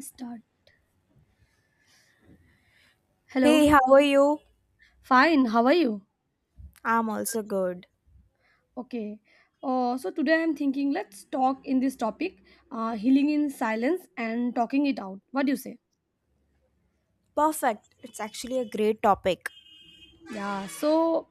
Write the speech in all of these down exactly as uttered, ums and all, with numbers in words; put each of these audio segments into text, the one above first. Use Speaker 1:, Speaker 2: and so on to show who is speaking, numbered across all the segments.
Speaker 1: Start. Hello.
Speaker 2: Hey, how are you?
Speaker 1: Fine. How are you?
Speaker 2: I'm also good.
Speaker 1: Okay. Uh, so today I'm thinking let's talk in this topic, uh, healing in silence and talking it out. What do you say?
Speaker 2: Perfect. It's actually a great topic.
Speaker 1: Yeah, so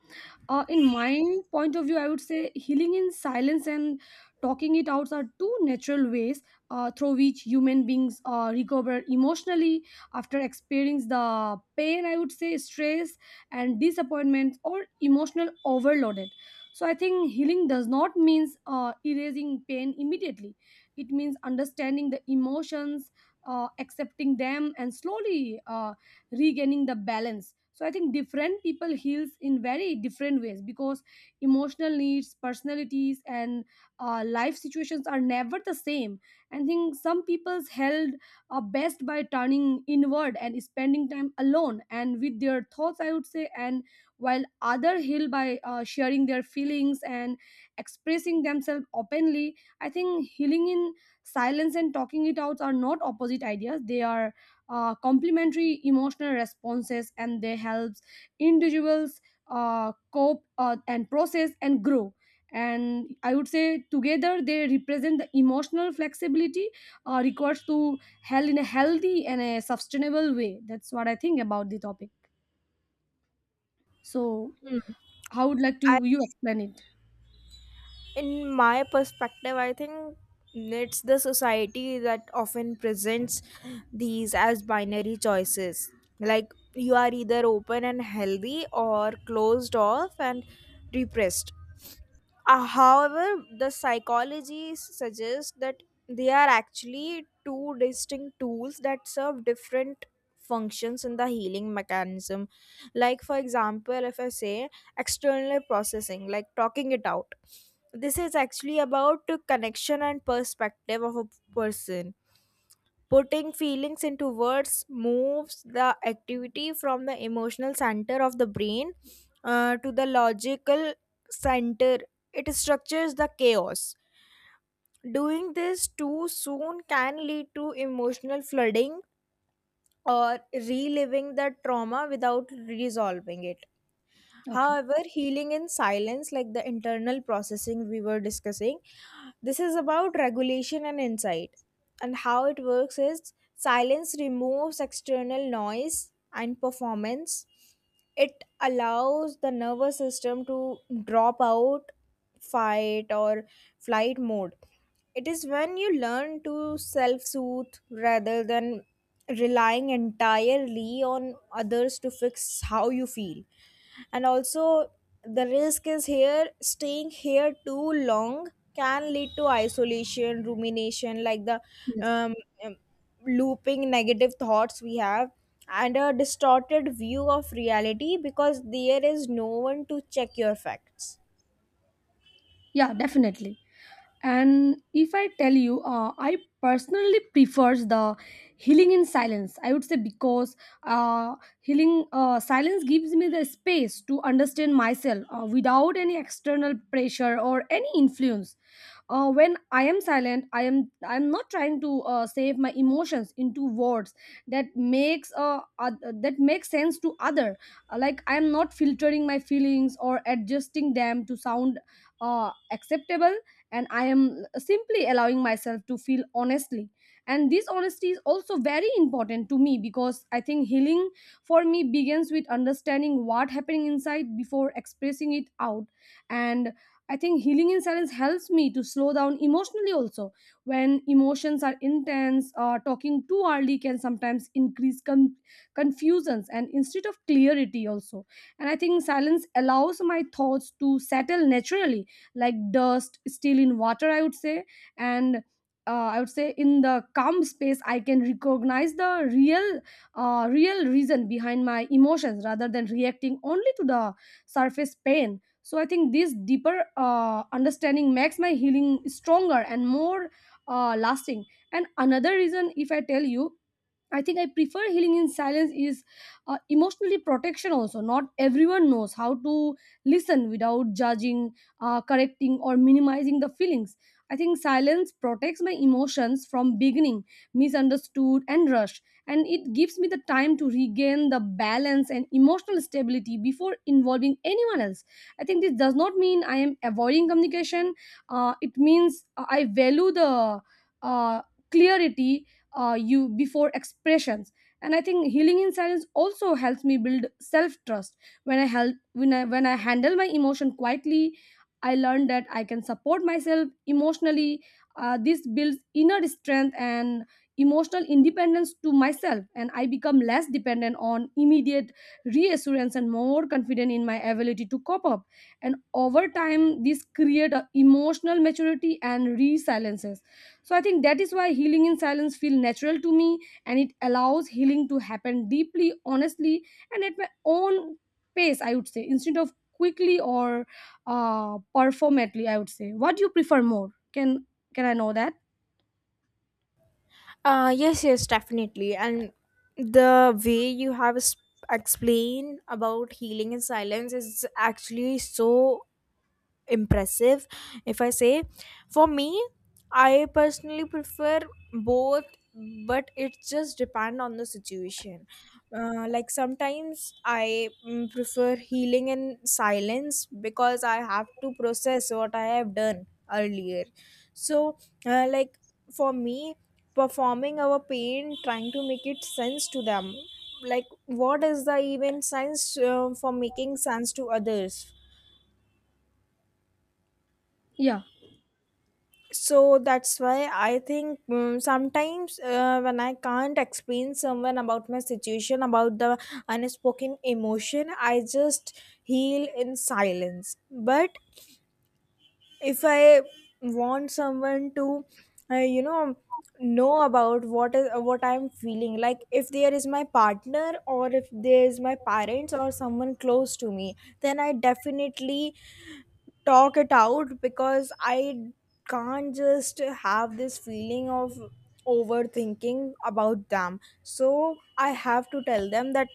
Speaker 1: uh, in my point of view, I would say healing in silence and talking it out are two natural ways uh, through which human beings uh, recover emotionally after experiencing the pain, I would say, stress and disappointment or emotional overloaded. So I think healing does not means uh, erasing pain immediately. It means understanding the emotions, uh, accepting them, and slowly uh, regaining the balance. So I think different people heals in very different ways because emotional needs personalities and uh, life situations are never the same. I think some people's held are best by turning inward and spending time alone and with their thoughts, I would say, and while other heal by uh, sharing their feelings and expressing themselves openly. I think healing in silence and talking it out are not opposite ideas. They are uh, complementary emotional responses, and they helps individuals uh, cope uh, and process and grow. And I would say together they represent the emotional flexibility uh, required to held in a healthy and a sustainable way. That's what I think about the topic. So
Speaker 2: Hmm.
Speaker 1: how would like
Speaker 2: I,
Speaker 1: to you explain it?
Speaker 2: in my perspective, I think it's the society that often presents these as binary choices. Like you are either open and healthy or closed off and repressed. Uh, however, the psychology suggests that they are actually two distinct tools that serve different functions in the healing mechanism. Like, for example, if I say external processing, like talking it out, this is actually about the connection and perspective of a person. Putting feelings into words moves the activity from the emotional center of the brain uh, to the logical center. It structures the chaos. Doing this too soon can lead to emotional flooding or reliving the trauma without resolving it.
Speaker 1: Okay.
Speaker 2: However, healing in silence, like the internal processing we were discussing, this is about regulation and insight. And how it works is silence removes external noise and performance. It allows the nervous system to drop out, fight, or flight mode. It is when you learn to self soothe rather than relying entirely on others to fix how you feel, and also the risk is here staying here too long can lead to isolation rumination, like the
Speaker 1: Yes.
Speaker 2: um, um, looping negative thoughts we have, and a distorted view of reality because there is no one to check your facts.
Speaker 1: Yeah, definitely. And if I tell you, uh, I personally prefers the healing in silence, I would say, because uh, healing uh, silence gives me the space to understand myself uh, without any external pressure or any influence. Uh, when i am silent, i am I am not trying to uh, save my emotions into words that makes uh, oth- that makes sense to other. Uh, like I am not filtering my feelings or adjusting them to sound uh, acceptable, and I am simply allowing myself to feel honestly. And this honesty is also very important to me, because I think healing for me begins with understanding what happening inside before expressing it out. And I think healing in silence helps me to slow down emotionally also. When emotions are intense, uh, talking too early can sometimes increase con- confusions and instead of clarity also. And I think silence allows my thoughts to settle naturally, like dust still in water, I would say. And uh, I would say in the calm space I can recognize the real uh, real reason behind my emotions rather than reacting only to the surface pain. So I think this deeper uh, understanding makes my healing stronger and more uh, lasting. And another reason, if I tell you, I think I prefer healing in silence is uh, emotionally protection also. Not everyone knows how to listen without judging, uh, correcting, or minimizing the feelings. I think silence protects my emotions from beginning, misunderstood, and rushed, and it gives me the time to regain the balance and emotional stability before involving anyone else. I think this does not mean I am avoiding communication. Uh, it means uh, I value the uh, clarity uh, you before expressions. And I think healing in silence also helps me build self trust. When I help when i when I handle my emotion quietly, I learn that I can support myself emotionally. Uh, this builds inner strength and emotional independence to myself, and I become less dependent on immediate reassurance and more confident in my ability to cope up. And over time this create a emotional maturity and resilience. So I think that is why healing in silence feels natural to me, and it allows healing to happen deeply honestly and at my own pace, I would say, instead of quickly or uh performatively, I would say. What do you prefer more? Can can I know that?
Speaker 2: Uh, yes, yes, definitely. And the way you have s- explained about healing in silence is actually so impressive. If I say, for me, I personally prefer both, but it just depend on the situation. Uh, like sometimes I mm, prefer healing in silence because I have to process what I have done earlier. So uh, like, for me, performing our pain, trying to make it sense to them, like what is the even sense uh, for making sense to others.
Speaker 1: Yeah.
Speaker 2: So that's why I think mm sometimes uh, when I can't explain someone about my situation, about the unspoken emotion, I just heal in silence. But if I want someone to uh, you know know about what is what I'm feeling, like if there is my partner or if there is my parents or someone close to me, then I definitely talk it out because I can't just have this feeling of overthinking about them. So I have to tell them that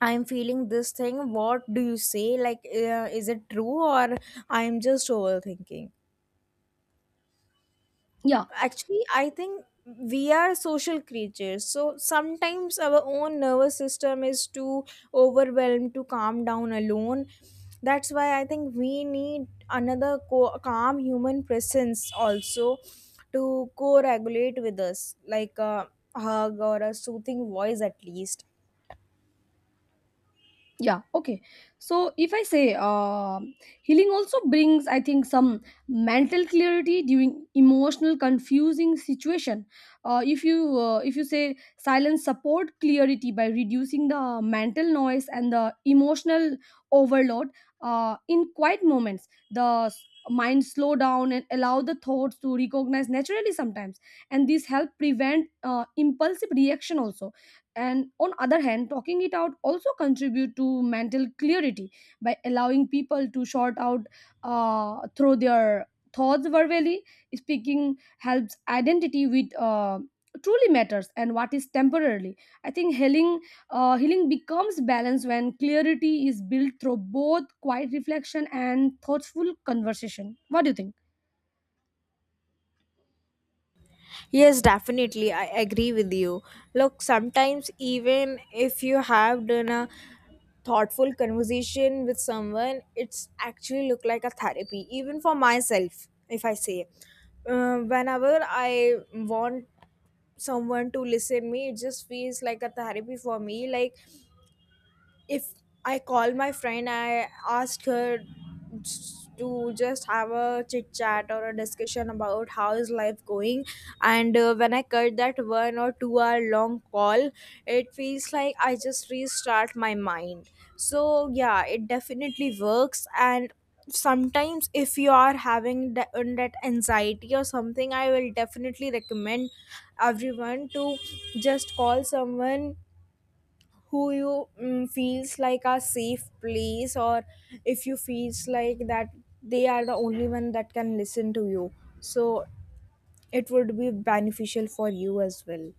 Speaker 2: I'm feeling this thing. What do you say? Like, uh, is it true or I'm just overthinking?
Speaker 1: Yeah.
Speaker 2: Actually, I think we are social creatures. So sometimes our own nervous system is too overwhelmed to calm down alone. That's why I think we need another co- calm human presence also to co regulate with us, like a hug or a soothing voice at least.
Speaker 1: Yeah, okay. So if I say, uh, healing also brings, I think, some mental clarity during emotional confusing situation. Uh, if you uh, if you say silence support clarity by reducing the mental noise and the emotional overload. Uh, in quiet moments, the s- mind slow down and allow the thoughts to recognize naturally sometimes. And this help prevent uh, impulsive reaction also. And on other hand, talking it out also contribute to mental clarity by allowing people to sort out uh, through their thoughts verbally. Speaking helps identity with uh, truly matters and what is temporarily. I think healing uh, healing becomes balance when clarity is built through both quiet reflection and thoughtful conversation. What do you think?
Speaker 2: Yes, definitely. I agree with you. Look, sometimes even if you have done a thoughtful conversation with someone, it's actually look like a therapy. Even for myself, if I say, uh, whenever I want someone to listen me, it just feels like a therapy for me. Like if I call my friend, I ask her to just have a chit chat or a discussion about how is life going. And uh, when I cut that one or two hour long call, it feels like I just restart my mind. So yeah, it definitely works. And sometimes if you are having that, that anxiety or something, I will definitely recommend everyone to just call someone who you mm, feels like a safe place, or if you feels like that they are the only one that can listen to you, so it would be beneficial for you as well.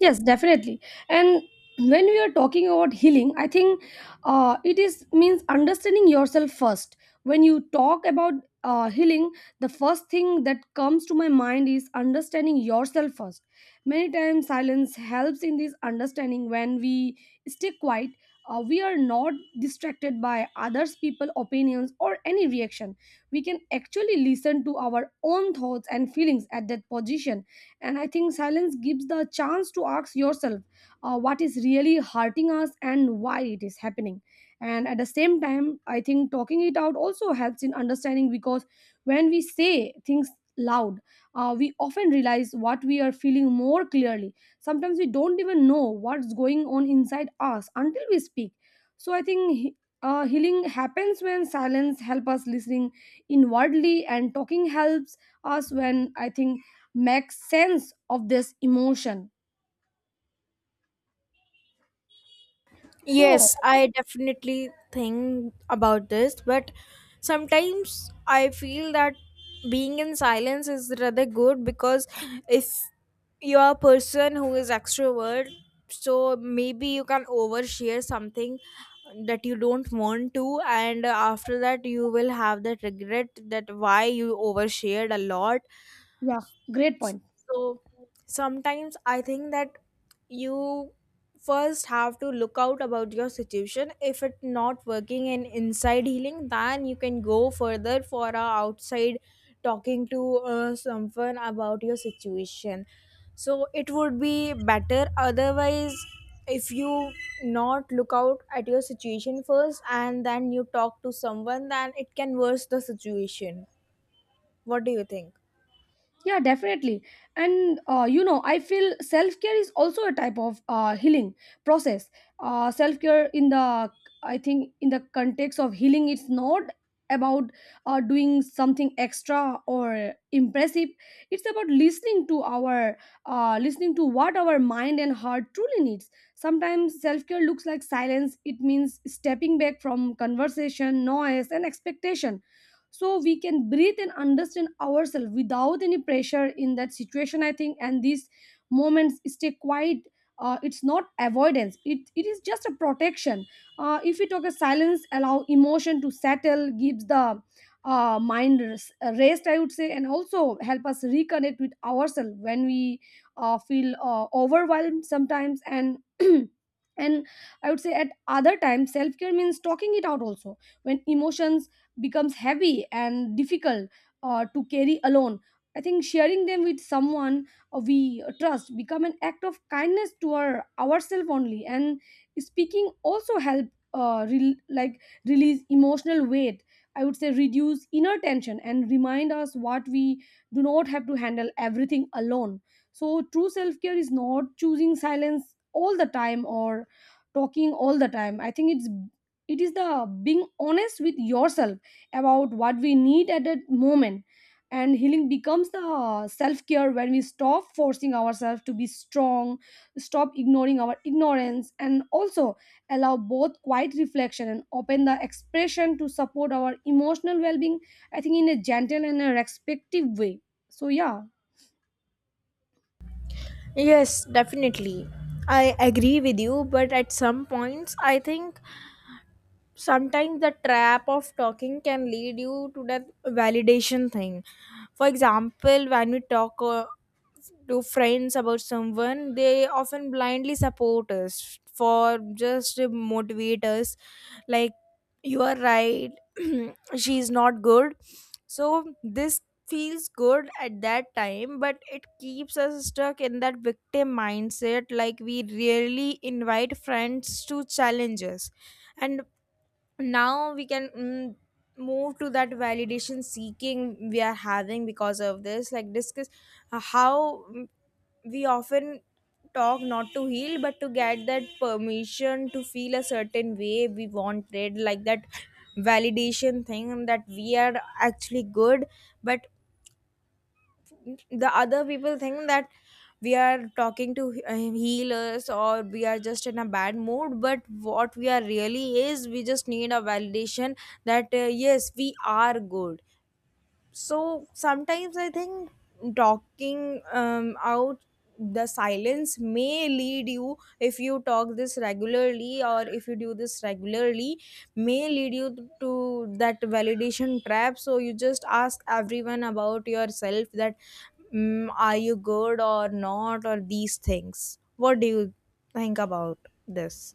Speaker 1: Yes, definitely. And when we are talking about healing, I think uh, it is means understanding yourself first. When you talk about uh, healing, the first thing that comes to my mind is understanding yourself first. Many times, silence helps in this understanding. When we stay quiet, uh, we are not distracted by others' people opinions or any reaction. We can actually listen to our own thoughts and feelings at that position, and I think silence gives the chance to ask yourself uh, what is really hurting us and why it is happening. And at the same time, I think talking it out also helps in understanding, because when we say things loud, uh, we often realize what we are feeling more clearly. Sometimes we don't even know what's going on inside us until we speak. So I think he- uh, healing happens when silence helps us listening inwardly, and talking helps us, when I think, make sense of this emotion. So,
Speaker 2: Yes, I definitely think about this, but sometimes I feel that being in silence is rather good because if you're a person who is extrovert, so maybe you can overshare something that you don't want to, and after that, you will have that regret that why you overshared a lot.
Speaker 1: yeah. Great point.
Speaker 2: So sometimes I think that you first have to look out about your situation. If it's not working in inside healing, then you can go further for a outside talking to uh, someone about your situation. So it would be better. Otherwise, if you not look out at your situation first and then you talk to someone, then it can worse the situation. What do you think?
Speaker 1: Yeah, definitely. And uh, you know I feel self-care is also a type of uh, healing process. Uh, self-care in the I think in the context of healing, it's not about uh, doing something extra or impressive. It's about listening to our uh, listening to what our mind and heart truly needs. Sometimes self-care looks like silence. It means stepping back from conversation noise and expectation, so we can breathe and understand ourselves without any pressure in that situation, I think. And these moments stay quiet. Uh, it's not avoidance. It, it is just a protection. Uh, if we talk, a silence allow emotion to settle, gives the uh, mind res- rest, I would say, and also help us reconnect with ourselves when we uh, feel uh, overwhelmed sometimes. And and I would say at other times self-care means talking it out also, when emotions becomes heavy and difficult uh, to carry alone. I think sharing them with someone uh, we uh, trust become an act of kindness to our ourselves only. And speaking also help uh, rel like release emotional weight, I would say, reduce inner tension and remind us what we do not have to handle everything alone. So true self care is not choosing silence all the time or talking all the time, I think. It's it is the being honest with yourself about what we need at that moment. And healing becomes the uh, self-care when we stop forcing ourselves to be strong, stop ignoring our ignorance, and also allow both quiet reflection and open the expression to support our emotional well-being, I think, in a gentle and a respective way. So, yeah.
Speaker 2: Yes, definitely. I agree with you, but at some points, I think sometimes the trap of talking can lead you to that validation thing. For example, when we talk uh, to friends about someone, they often blindly support us for just to motivate us, like, you are right, she's not good. So this feels good at that time, but it keeps us stuck in that victim mindset, like we rarely invite friends to challenge us. And now we can mm, move to that validation seeking we are having because of this, like, discuss uh, how mm, we often talk not to heal but to get that permission to feel a certain way we wanted, like that validation thing that we are actually good. But the other people think that we are talking to uh, healers or we are just in a bad mood, but what we are really is we just need a validation that uh, yes, we are good. So sometimes I think talking um, out the silence may lead you, if you talk this regularly or if you do this regularly, may lead you to that validation trap, so you just ask everyone about yourself that mm, are you good or not, or these things. What do you think about this?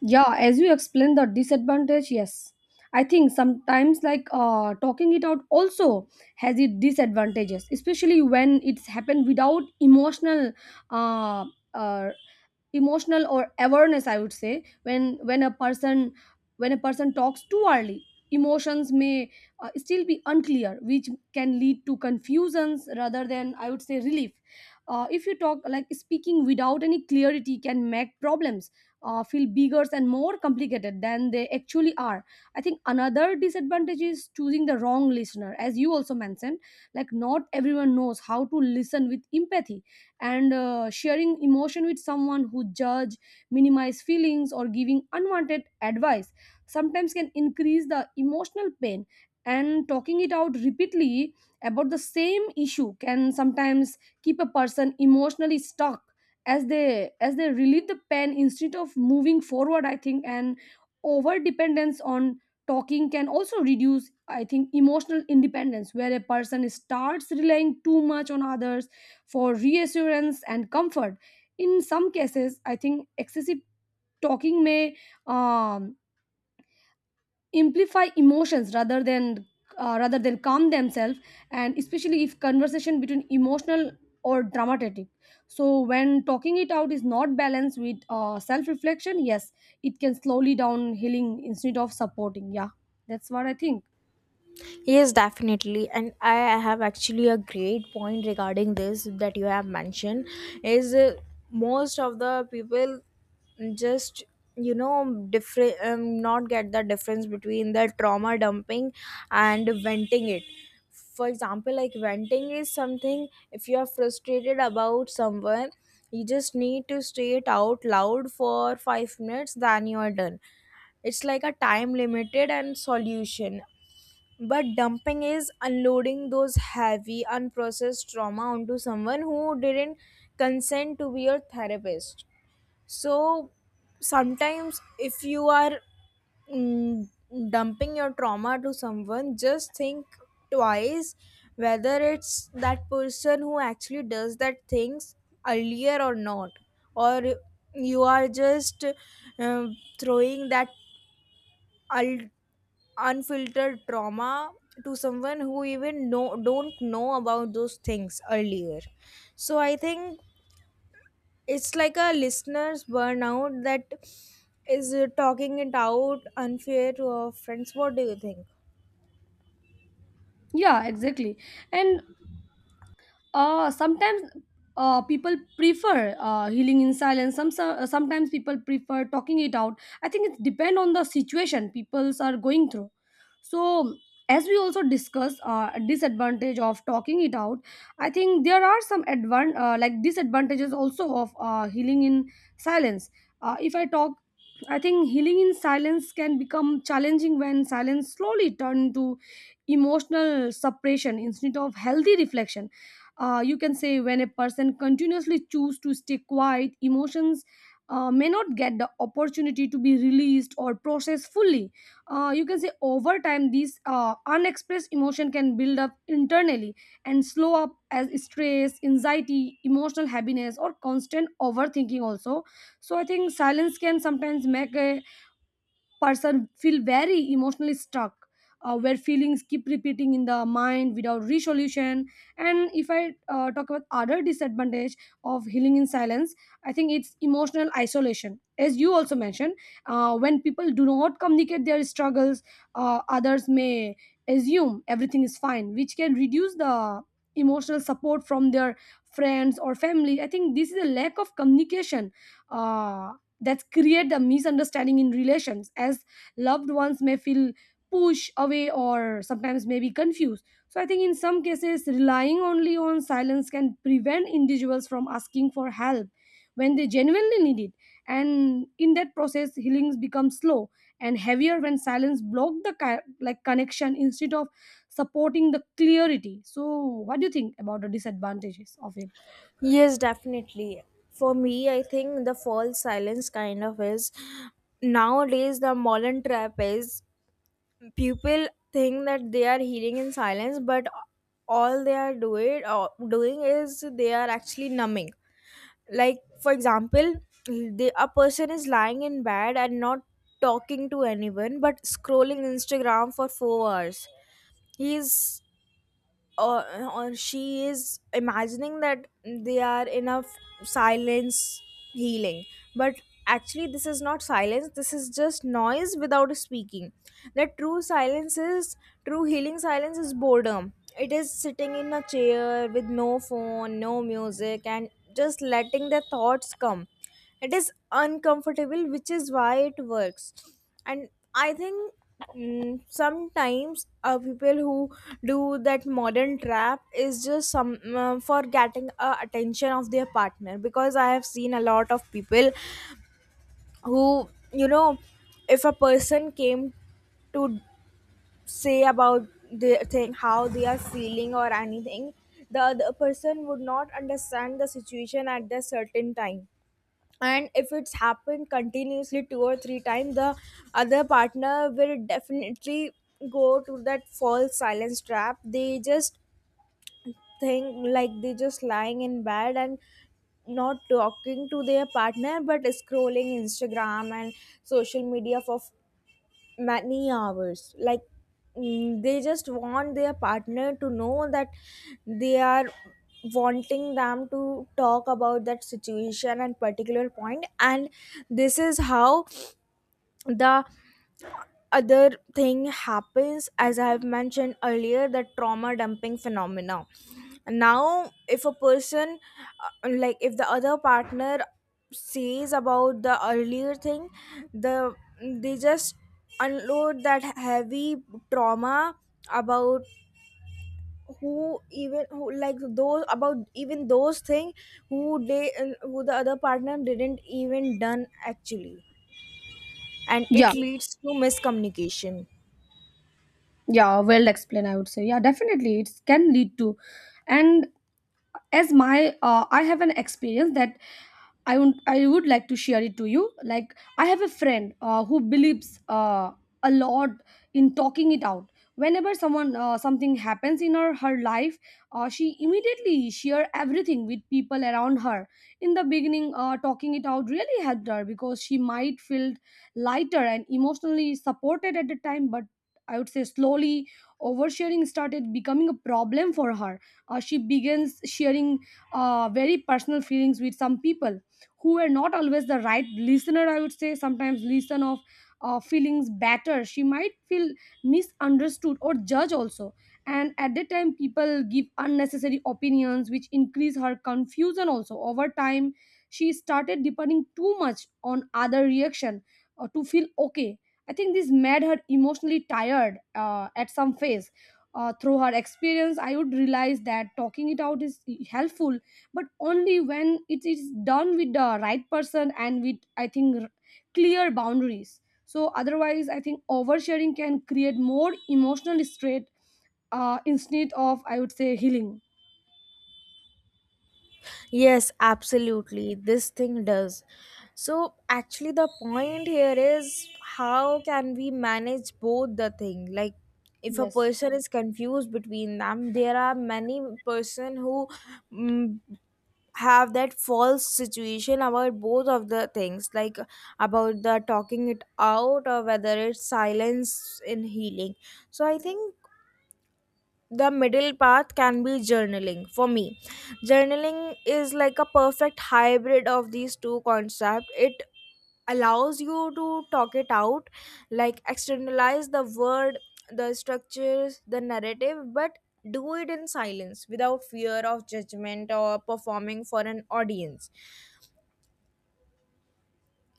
Speaker 1: Yeah, as you explained the disadvantage. Yes, I think sometimes, like, uh, talking it out also has its disadvantages, especially when it's happened without emotional uh, uh, emotional or awareness, I would say. When when a person when a person talks too early, emotions may uh, still be unclear, which can lead to confusions rather than, I would say, relief. Uh, if you talk Like speaking without any clarity can make problems uh, feel bigger and more complicated than they actually are. I think another disadvantage is choosing the wrong listener, as you also mentioned. Like, not everyone knows how to listen with empathy, and uh, sharing emotion with someone who judge, minimize feelings, or giving unwanted advice sometimes can increase the emotional pain. And talking it out repeatedly about the same issue can sometimes keep a person emotionally stuck as they as they relieve the pen instead of moving forward, I think. And over dependence on talking can also reduce, I think, emotional independence, where a person starts relying too much on others for reassurance and comfort. In some cases, I think excessive talking may um, amplify emotions rather than uh, rather than calm themselves, and especially if conversation between emotional or dramatic. So when talking it out is not balanced with uh, self reflection, yes, it can slowly down healing instead of supporting, yeah. That's what I think.
Speaker 2: Yes, definitely. And I have actually a great point regarding this that you have mentioned is uh, most of the people just you know different, um, not get the difference between the trauma dumping and venting it. For example, like venting is something if you are frustrated about someone, you just need to say it out loud for five minutes, then you are done. It's like a time limited and solution, but dumping is unloading those heavy unprocessed trauma onto someone who didn't consent to be your therapist. So sometimes, if you are mm, dumping your trauma to someone, just think twice whether it's that person who actually does that things earlier or not, or you are just uh, throwing that ul- unfiltered trauma to someone who even know don't know about those things earlier. So I think it's like a listener's burnout that is, uh, talking it out unfair to our friends. What do you think?
Speaker 1: Yeah, exactly. And uh sometimes uh people prefer uh healing in silence. Some so- uh, sometimes people prefer talking it out. I think it depends on the situation peoples are going through. So as we also discuss uh, disadvantage of talking it out, I think there are some advan- uh, like disadvantages also of uh, healing in silence. Uh, if I talk, I think healing in silence can become challenging when silence slowly turn into emotional suppression instead of healthy reflection. Uh, you can say when a person continuously choose to stay quiet, emotions uh, may not get the opportunity to be released or processed fully. Uh, you can say over time these uh, unexpressed emotion can build up internally and slow up as stress, anxiety, emotional heaviness, or constant overthinking also. So I think silence can sometimes make a person feel very emotionally stuck, uh, where feelings keep repeating in the mind without resolution. And if I uh, talk about other disadvantage of healing in silence, I think it's emotional isolation, as you also mentioned. Uh, when people do not communicate their struggles, uh, others may assume everything is fine, which can reduce the emotional support from their friends or family. I think this is a lack of communication uh, that create the misunderstanding in relations, as loved ones may feel pushed away or sometimes may be confused. So I think in some cases relying only on silence can prevent individuals from asking for help when they genuinely need it. And in that process healings become slow and heavier when silence block the ki- like connection instead of supporting the clarity. So what do you think about the disadvantages of it?
Speaker 2: Yes, definitely. For me, I think the false silence kind of is nowadays the modern trap is people think that they are healing in silence, but all they are doing or doing is they are actually numbing. Like, for example, the, a person is lying in bed and not talking to anyone, but scrolling Instagram for four hours. He's or, or she is imagining that they are in a f- silence healing, but actually this is not silence, this is just noise without speaking. That true silence is true healing silence is boredom. It is sitting in a chair with no phone, no music, and just letting their thoughts come. It is uncomfortable, which is why it works. And I think mm, sometimes uh, people who do that modern trap is just some uh, for getting uh, attention of their partner, because I have seen a lot of people who, you know if a person came to say about the thing how they are feeling or anything, the other person would not understand the situation at the certain time, and if it's happened continuously two or three times, the other partner will definitely go to that false silence trap. They just think, like, they just lying in bed and not talking to their partner but scrolling Instagram and social media for many hours, like mm, they just want their partner to know that they are wanting them to talk about that situation and particular point. And this is how the other thing happens, as I have mentioned earlier, the trauma dumping phenomena. Now if a person, uh, like if the other partner says about the earlier thing, the they just unload that heavy trauma about who even who, like, those about even those thing who they, uh, who the other partner didn't even done actually, and
Speaker 1: Yeah,
Speaker 2: it leads to miscommunication.
Speaker 1: yeah, well explained, I would say. Yeah, definitely it can lead to. And as my uh, I have an experience that I would I would like to share it to you. Like I have a friend uh, who believes uh, a lot in talking it out. Whenever someone uh, something happens in her her life, uh, she immediately share everything with people around her. In the beginning, uh, talking it out really helped her because she might feel lighter and emotionally supported at the time, but I would say slowly oversharing started becoming a problem for her. Uh, she begins sharing uh, very personal feelings with some people who were not always the right listener, I would say. Sometimes listen of uh, feelings better, she might feel misunderstood or judged also, and at that time people give unnecessary opinions which increase her confusion also. Over time she started depending too much on other reaction uh, to feel okay. I think this made her emotionally tired uh, at some phase. Uh, through her experience I would realize that talking it out is helpful, but only when it is done with the right person and with, I think, r- clear boundaries. So otherwise I think oversharing can create more emotional stress uh, instead of, I would say, healing.
Speaker 2: Yes, absolutely. This thing does. So actually, the point here is how can we manage both the thing? Like, if a
Speaker 1: Yes,
Speaker 2: person is confused between them, there are many person who mm, have that false situation about both of the things, like about the talking it out or whether it's silence in healing. So I think the middle path can be journaling for me. Journaling is like a perfect hybrid of these two concepts. It allows you to talk it out, like externalize the word, the structures the narrative, but do it in silence without fear of judgment or performing for an audience.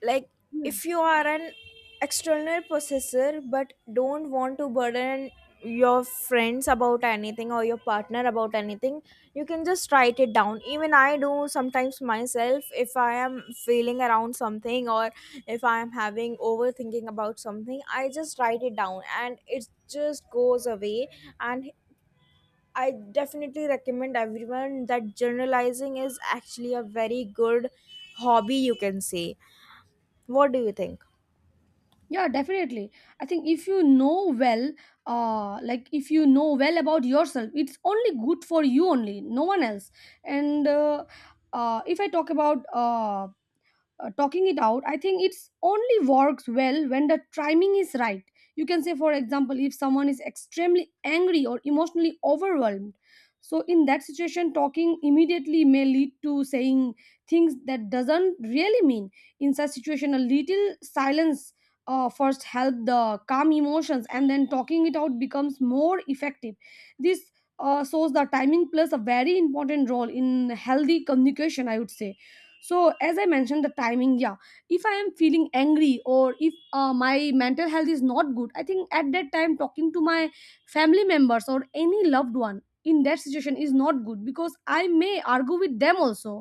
Speaker 2: Like,
Speaker 1: yeah.
Speaker 2: if you are an external processor but don't want to burden your friends about anything or your partner about anything, you can just write it down. Even I do sometimes myself, if I am feeling around something or if I am having overthinking about something, I just write it down and it just goes away. And I definitely recommend everyone that journalizing is actually a very good hobby, you can say. What do you think?
Speaker 1: Yeah, definitely. I think if you know well, uh like if you know well about yourself, it's only good for you only, no one else. And uh, uh if I talk about uh uh, talking it out, I think it's only works well when the timing is right. You can say, for example, if someone is extremely angry or emotionally overwhelmed, so in that situation talking immediately may lead to saying things that doesn't really mean. In such situation a little silence uh, first help the calm emotions, and then talking it out becomes more effective. This uh, shows the timing plays a very important role in healthy communication, I would say. So as I mentioned the timing, yeah, if I am feeling angry or if uh, my mental health is not good, I think at that time talking to my family members or any loved one in that situation is not good because I may argue with them also.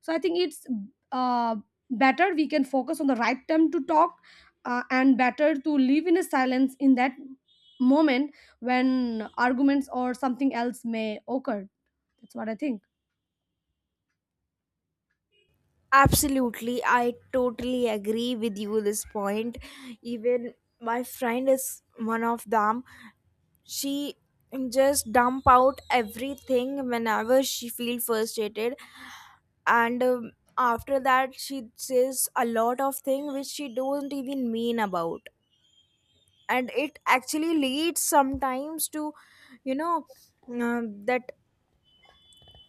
Speaker 1: So I think it's uh, better we can focus on the right time to talk, uh, and better to live in a silence in that moment when arguments or something else may occur. That's what I think.
Speaker 2: Absolutely, I totally agree with you this point. Even my friend is one of them. She just dump out everything whenever she feels frustrated, and um, after that she says a lot of things which she don't even mean about, and it actually leads sometimes to, you know uh, that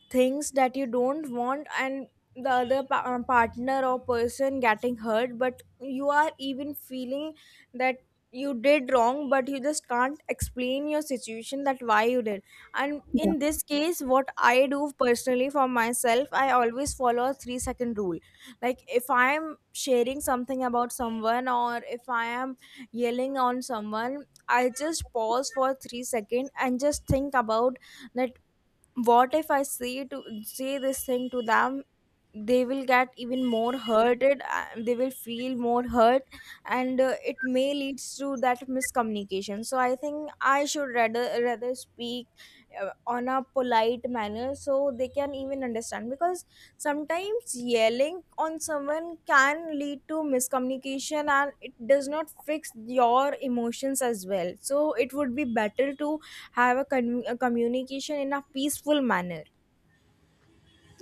Speaker 2: things that you don't want, and the other pa- uh, partner or person getting hurt. But you are even feeling that you did wrong, but you just can't explain your situation that why you did. And in this case, what I do personally for myself, I always follow a three second rule. Like, if I am sharing something about someone or if I am yelling on someone, I just pause for three seconds and just think about that, what if I say to say this thing to them, they will get even more hurted, uh, they will feel more hurt. And uh, it may leads to that miscommunication, so I think I should rather rather speak uh, on a polite manner, so they can even understand, because sometimes yelling on someone can lead to miscommunication, and it does not fix your emotions as well, so it would be better to have a, con- a communication in a peaceful manner.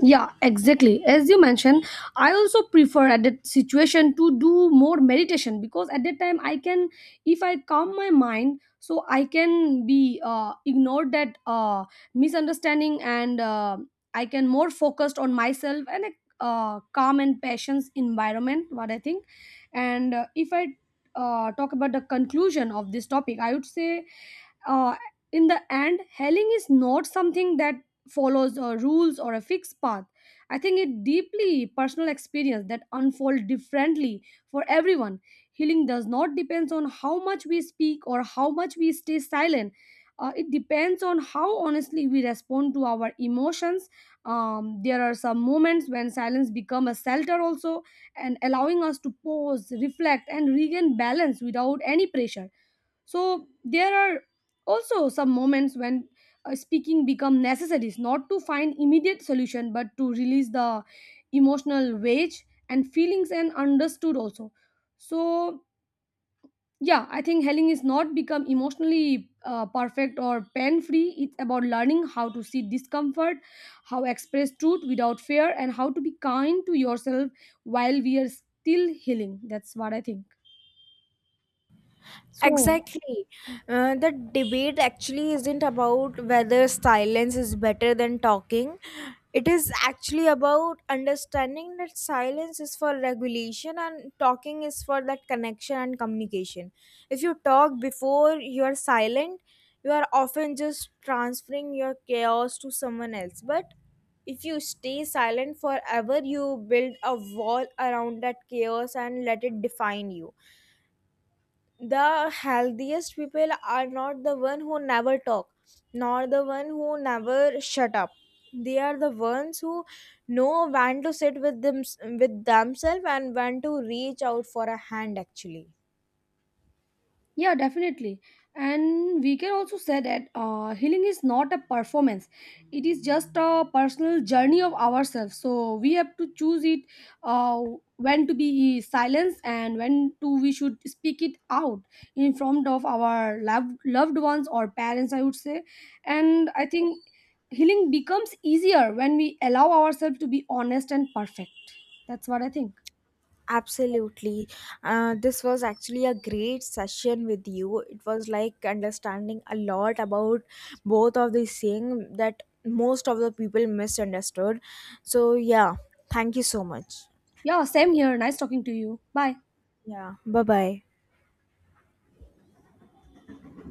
Speaker 1: Yeah, exactly. As you mentioned, I also prefer at that situation to do more meditation, because at that time I can, if I calm my mind, so I can be uh, ignored that uh, misunderstanding and uh, I can more focused on myself and a uh, calm and patience environment, what I think. And uh, if I uh, talk about the conclusion of this topic, I would say, uh, in the end, healing is not something that follows uh, rules or a fixed path. I think it deeply personal experience that unfold differently for everyone. Healing does not depends on how much we speak or how much we stay silent. Uh, it depends on how honestly we respond to our emotions. Um, there are some moments when silence become a shelter also, and allowing us to pause, reflect, and regain balance without any pressure. So there are also some moments when uh, speaking become necessary, not to find immediate solution but to release the emotional wage and feelings and understood also. So yeah, I think healing is not become emotionally uh, perfect or pain free. It's about learning how to see discomfort, how express truth without fear, and how to be kind to yourself while we are still healing. That's what I think. So
Speaker 2: Exactly. Uh, the debate actually isn't about whether silence is better than talking. It is actually about understanding that silence is for regulation, and talking is for that connection and communication. If you talk before you are silent, you are often just transferring your chaos to someone else. But if you stay silent forever, you build a wall around that chaos and let it define you. The healthiest people are not the one who never talk, nor the one who never shut up. They are the ones who know when to sit with them with themselves, and when to reach out for a hand actually.
Speaker 1: yeah, definitely. And we can also say that uh, healing is not a performance, it is just a personal journey of ourselves. So we have to choose it, uh, when to be silenced and when to we should speak it out in front of our loved, loved ones or parents, I would say. And I think healing becomes easier when we allow ourselves to be honest and perfect. That's what I think.
Speaker 2: Absolutely. Uh, this was actually a great session with you. It was like understanding a lot about both of these things that most of the people misunderstood. So yeah, thank you so much.
Speaker 1: Yeah, same here. Nice talking to you. Bye.
Speaker 2: Yeah, bye bye.